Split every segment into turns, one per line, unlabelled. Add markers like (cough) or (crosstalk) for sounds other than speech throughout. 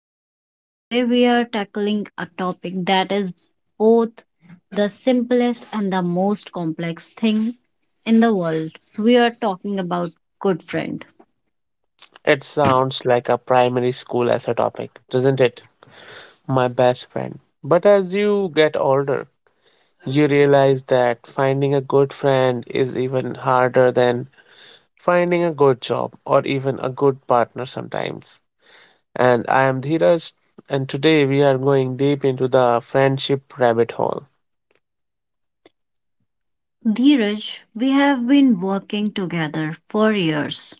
Khushbu, and today we are tackling a topic that is both the simplest and the most complex thing in the world. We are talking about good friend.
It sounds like a primary school as a topic, doesn't it? My best friend. But as you get older, you realize that finding a good friend is even harder than finding a good job or even a good partner sometimes. And I am Dheeraj, and today we are going deep into the friendship rabbit hole.
Dheeraj, we have been working together for years.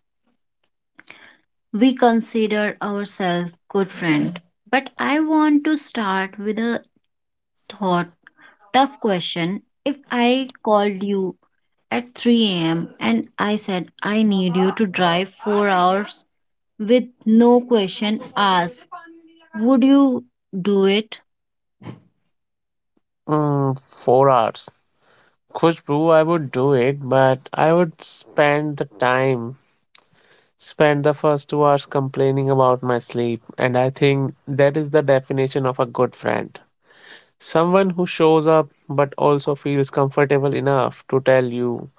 We consider ourselves good friend. But I want to start with a thought tough question. If I called you at 3 a.m. and I said I need you to drive 4 hours with no question asked, would you do it? (laughs)
Mm, 4 hours. Khushbu, I would do it, but I would spend the time Spent the first 2 hours complaining about my sleep, and I think that is the definition of a good friend. Someone who shows up but also feels comfortable enough to tell you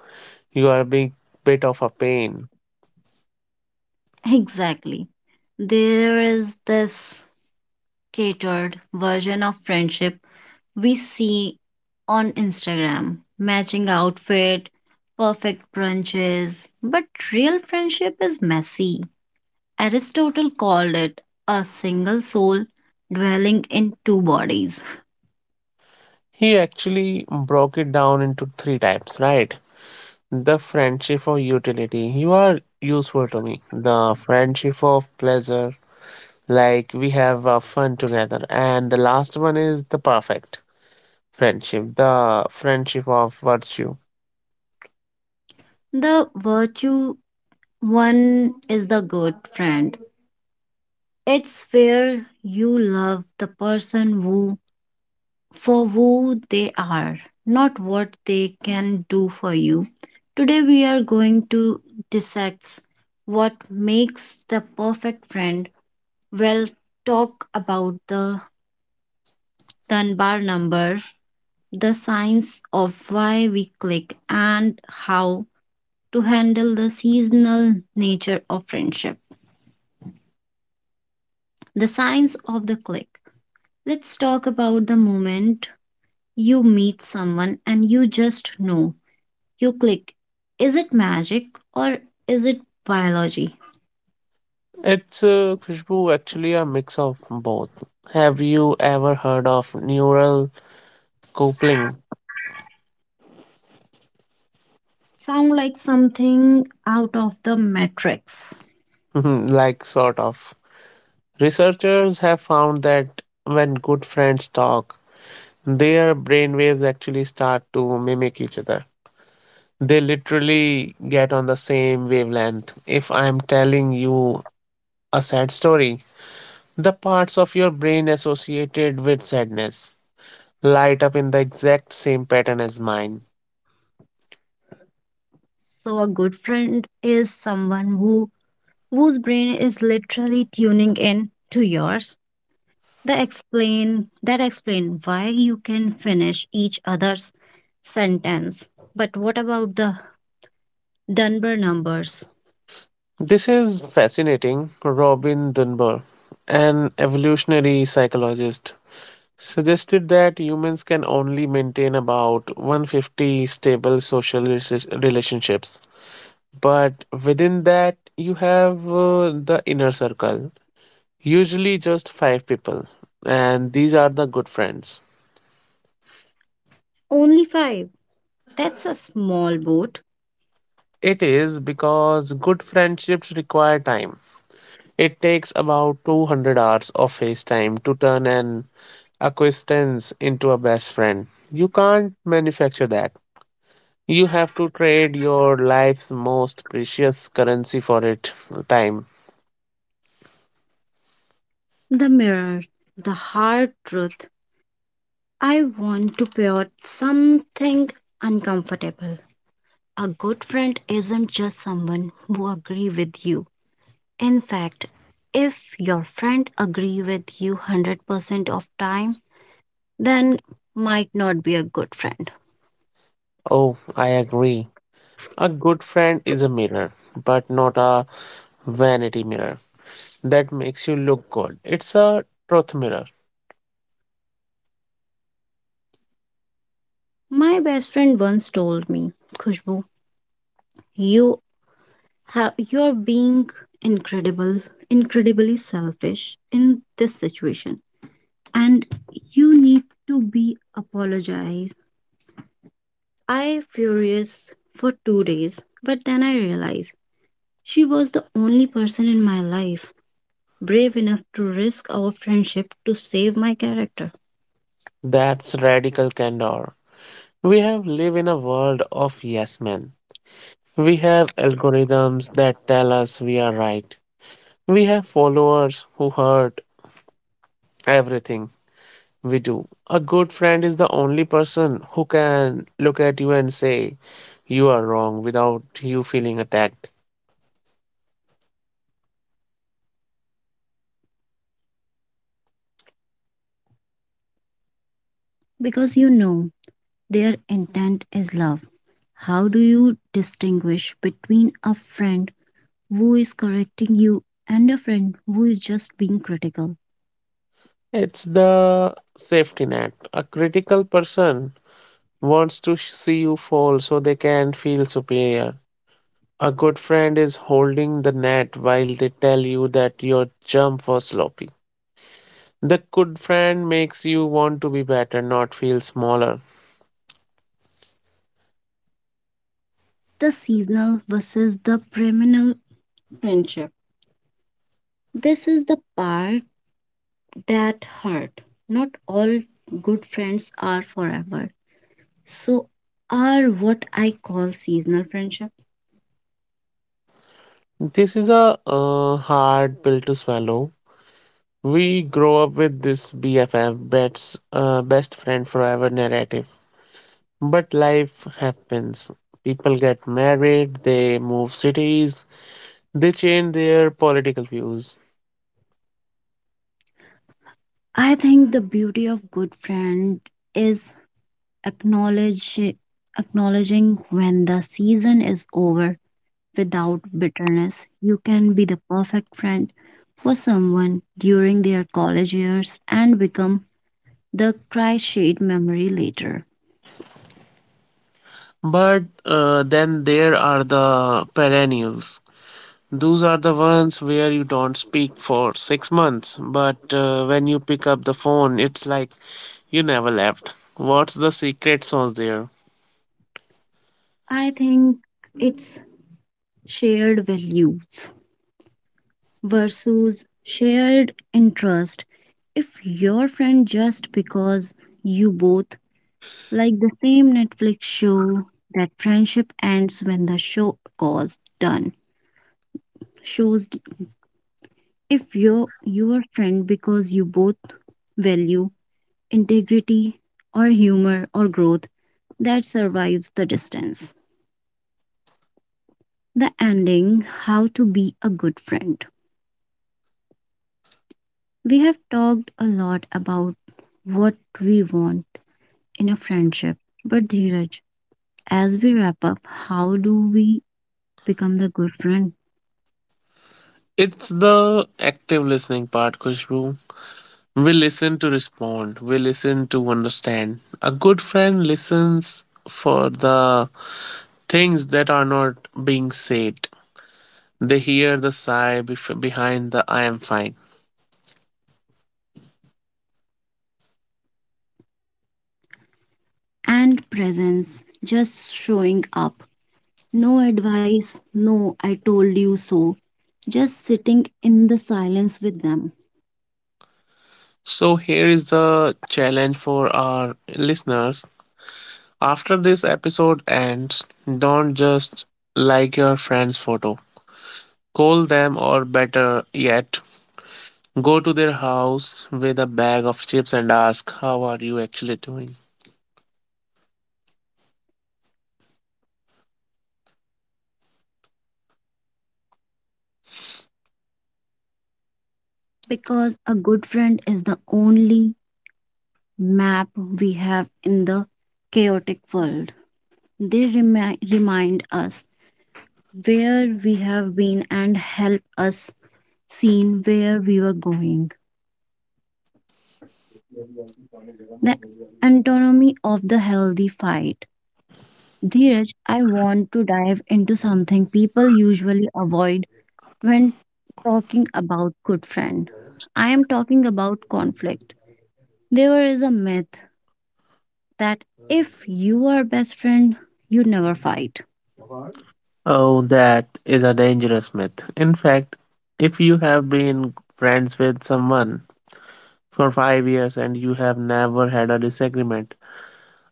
you are a big bit of a pain.
Exactly. There is this catered version of friendship we see on Instagram matching outfit, perfect brunches, but real friendship is messy. Aristotle called it a single soul dwelling in two bodies.
He actually broke it down into three types, right? The friendship of utility, you are useful to me. The friendship of pleasure, like we have fun together. And the last one is the perfect friendship, the friendship of virtue.
The virtue one is the good friend. It's where you love the person who for who they are, not what they can do for you. Today we are going to dissect what makes the perfect friend. We'll talk about the Dunbar number, the signs of why we click and how to handle the seasonal nature of friendship. The signs of the click. Let's talk about the moment you meet someone and you just know you click. Is it magic or is it biology?
It's Khushbu, actually a mix of both. Have you ever heard of neural coupling?
Sound like something out of the matrix.
(laughs) Like, sort of. Researchers have found that when good friends talk, their brainwaves actually start to mimic each other. They literally get on the same wavelength. If I'm telling you a sad story, the parts of your brain associated with sadness light up in the exact same pattern as mine.
So a good friend is someone who whose brain is literally tuning in to yours. That explain why you can finish each other's sentence. But what about the Dunbar numbers?
This is fascinating. Robin Dunbar, an evolutionary psychologist, suggested that humans can only maintain about 150 stable social relationships. But within that, you have the inner circle, usually just five people, and these are the good friends.
Only five. That's a small boat.
It is because good friendships require time. It takes about 200 hours of face time to turn an acquaintance into a best friend. You can't manufacture that. You have to trade your life's most precious currency for it, time.
The mirror, the hard truth. I want to pure something uncomfortable. A good friend isn't just someone who agree with you. In fact, if your friend agree with you 100% of time, then might not be a good friend.
Oh, I agree. A good friend is a mirror, but not a vanity mirror that makes you look good. It's a truth mirror.
My best friend once told me, Khushbu, you have you're being incredible, incredibly selfish in this situation, and you need to be apologized. I furious for 2 days, but then I realized she was the only person in my life brave enough to risk our friendship to save my character.
That's radical candor. We have lived in a world of yes men. We have algorithms that tell us we are right. We have followers who hurt everything we do. A good friend is the only person who can look at you and say, you are wrong without you feeling attacked.
Because you know their intent is love. How do you distinguish between a friend who is correcting you, and a friend who is just being critical?
It's the safety net. A critical person wants to see you fall so they can feel superior. A good friend is holding the net while they tell you that your jump was sloppy. The good friend makes you want to be better, not feel smaller.
The seasonal versus the perennial friendship. This is the part that hurt. Not all good friends are forever. So, are what I call seasonal friendship.
This is a hard pill to swallow. We grow up with this BFF, best friend forever narrative. But life happens. People get married, they move cities, they change their political views.
I think the beauty of good friend is acknowledge acknowledging when the season is over without bitterness. You can be the perfect friend for someone during their college years and become the cry shade memory later.
But then there are the perennials. Those are the ones where you don't speak for 6 months, but when you pick up the phone, it's like you never left. What's the secret sauce there?
I think it's shared values versus shared interest. If your friend just because you both like the same Netflix show, that friendship ends when the show goes done. Shows. If you're your friend because you both value integrity or humor or growth that survives the distance. The ending. How to Be a Good Friend. We have talked a lot about what we want in a friendship, but Dheeraj, as we wrap up, how do we become the good friend?
It's the active listening part, Kushbu. We listen to respond, we listen to understand. A good friend listens for the things that are not being said. They hear the sigh behind the I am fine.
And presence, just showing up. No advice, no, I told you so, just sitting in the silence with them
So, here is the challenge for our listeners. After this episode ends, don't just like your friend's photo. Call them, or better yet, go to their house with a bag of chips and ask, how are you actually doing?
because a good friend is the only map we have in the chaotic world. They remind us where we have been and help us see where we were going. The anatomy of the healthy fight. Dheeraj, I want to dive into something people usually avoid when talking about good friend. I am talking about conflict. There is a myth that if you are best friend, you never fight.
Oh, that is a dangerous myth. In fact, if you have been friends with someone for 5 years and you have never had a disagreement,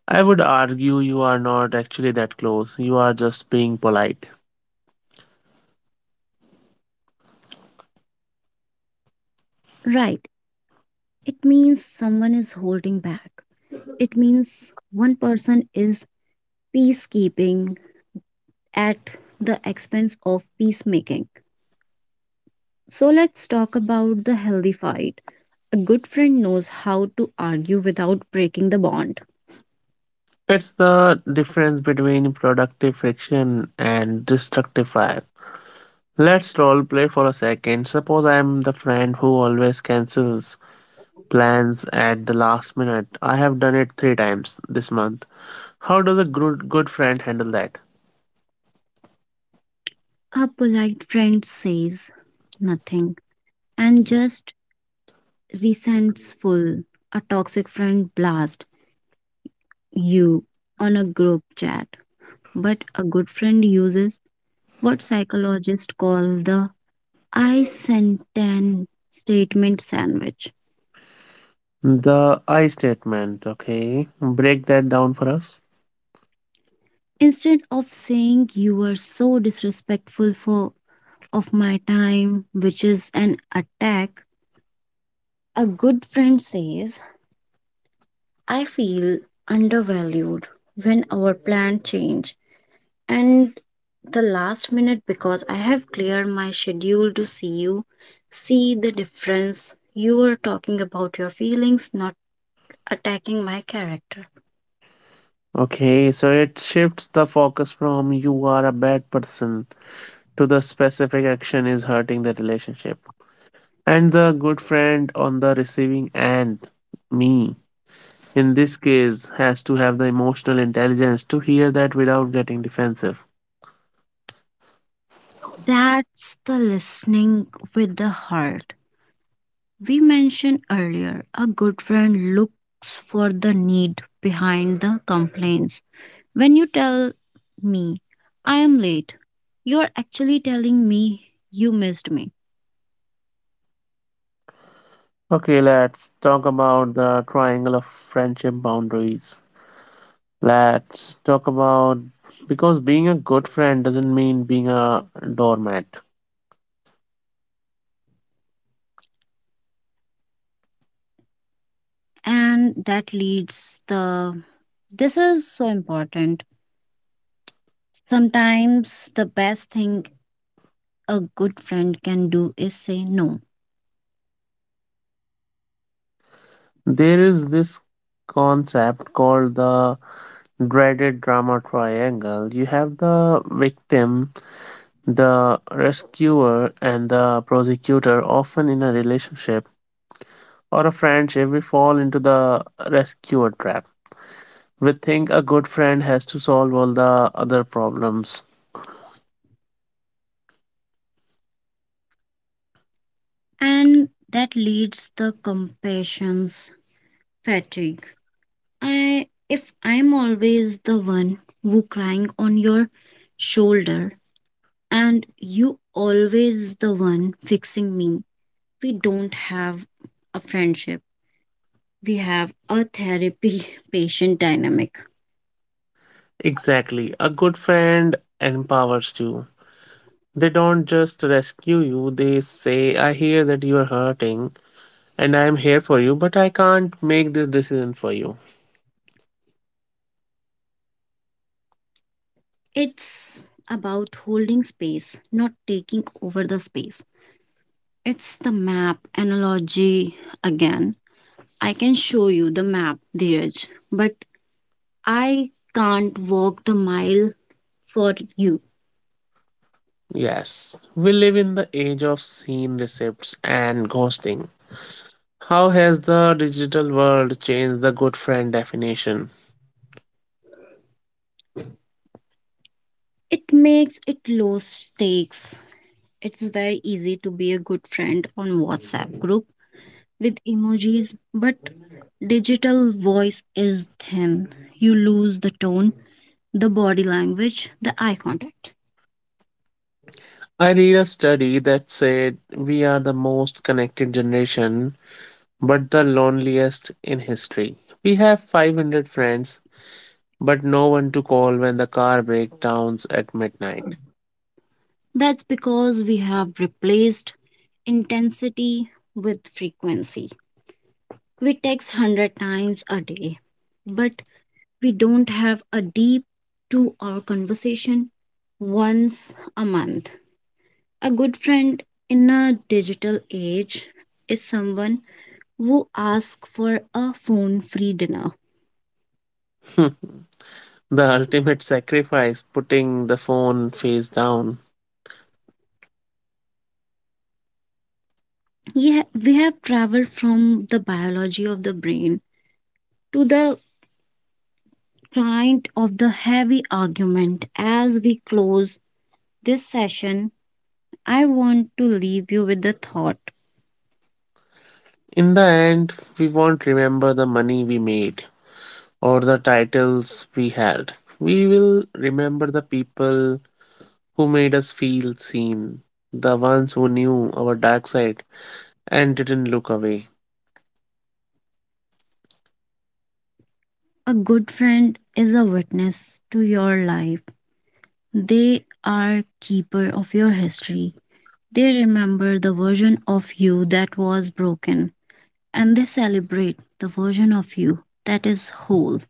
I would argue you are not actually that close. You are just being polite.
Right. It means someone is holding back. It means one person is peacekeeping at the expense of peacemaking. So let's talk about the healthy fight. A good friend knows how to argue without breaking the bond.
It's the difference between productive friction and destructive fire. Let's role play for a second. Suppose I'm the friend who always cancels plans at the last minute. I have done it three times this month. How does a good friend handle that?
A polite friend says nothing and just resentful. A toxic friend blasts you on a group chat, but a good friend uses what psychologists call the I sentence statement sandwich.
The I statement, okay? Break that down for us.
Instead of saying you are so disrespectful for of my time, which is an attack, a good friend says, I feel undervalued when our plan change and the last minute because I have cleared my schedule to see you. See the difference. You are talking about your feelings, not attacking my character.
Okay, so it shifts the focus from you are a bad person to the specific action is hurting the relationship. And the good friend on the receiving end, me, in this case, has to have the emotional intelligence to hear that without getting defensive.
That's the listening with the heart. We mentioned earlier a good friend looks for the need behind the complaints. When you tell me, I am late, you are actually telling me you missed me.
Okay, let's talk about the triangle of friendship boundaries. Let's talk about because being a good friend doesn't mean being a doormat.
And that leads the. This is so important. Sometimes the best thing a good friend can do is say no.
There is this concept called the dreaded drama triangle. You have the victim, the rescuer, and the prosecutor. Often in a relationship or a friendship, we fall into the rescuer trap. We think a good friend has to solve all the other problems.
And that leads the compassion's fatigue. I if I'm always the one who crying on your shoulder and you always the one fixing me, we don't have a friendship. We have a therapy (laughs) patient dynamic.
Exactly. A good friend empowers you. They don't just rescue you, they say, I hear that you are hurting and I am here for you, but I can't make this decision for you.
It's about holding space, not taking over the space. It's the map analogy again. I can show you the map, Dheeraj, but I can't walk the mile for you.
Yes, we live in the age of scene receipts and ghosting. How has the digital world changed the good friend definition?
It makes it low stakes. It's very easy to be a good friend on WhatsApp group with emojis, but digital voice is thin. You lose the tone, the body language, the eye contact.
I read a study that said we are the most connected generation, but the loneliest in history. We have 500 friends, but no one to call when the car breakdowns at midnight.
That's because we have replaced intensity with frequency. We text 100 times a day, but we don't have a deep 2 hour conversation once a month. A good friend in a digital age is someone who asks for a phone free dinner.
(laughs) The ultimate sacrifice, putting the phone face down.
Yeah, we have traveled from the biology of the brain to the kind of the heavy argument. As we close this session, I want to leave you with the thought
In the end, we won't remember the money we made or the titles we held. We will remember the people who made us feel seen, the ones who knew our dark side and didn't look away.
a good friend is a witness to your life, they are keeper of your history. They remember the version of you that was broken and they celebrate the version of you that is whole.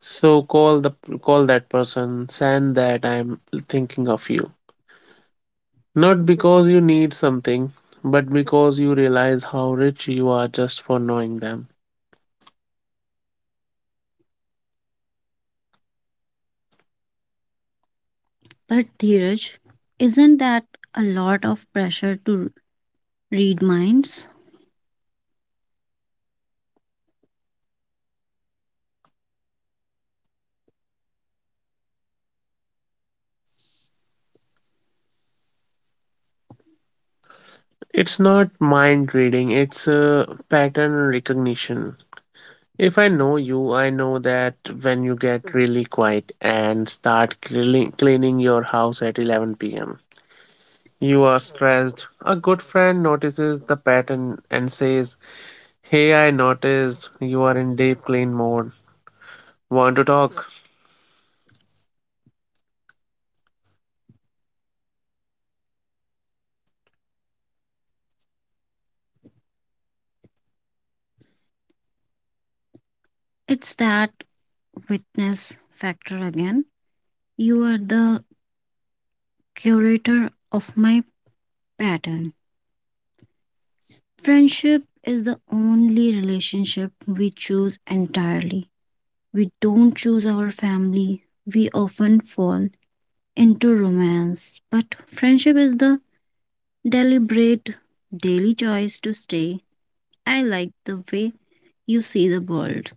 So call the call that person, send that I am thinking of you. Not because you need something, but because you realize how rich you are just for knowing them.
But Dheeraj, isn't that a lot of pressure to read minds?
It's not mind reading, it's a pattern recognition. If I know you, I know that when you get really quiet and start cleaning your house at 11 p.m., you are stressed. A good friend notices the pattern and says, hey, I noticed you are in deep clean mode. Want to talk?
It's that witness factor again. You are the curator of my pattern. Friendship is the only relationship we choose entirely. We don't choose our family. We often fall into romance, but friendship is the Deliberate daily choice to stay. I like the way you see the world,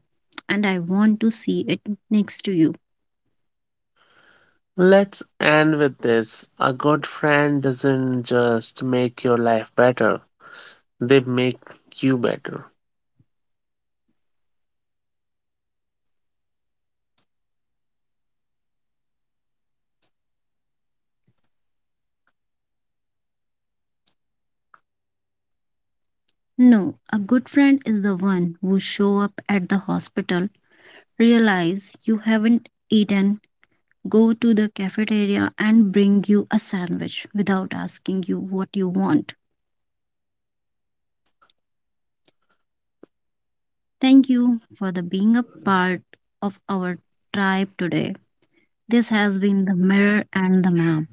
and I want to see it next to you.
Let's end with this. A good friend doesn't just make your life better, they make you better.
No, a good friend is the one who show up at the hospital, realize you haven't eaten, go to the cafeteria and bring you a sandwich without asking you what you want. Thank you for the being a part of our tribe today. This has been the mirror and the map.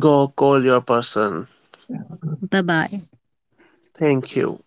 Go call your person.
Bye bye.
Thank you.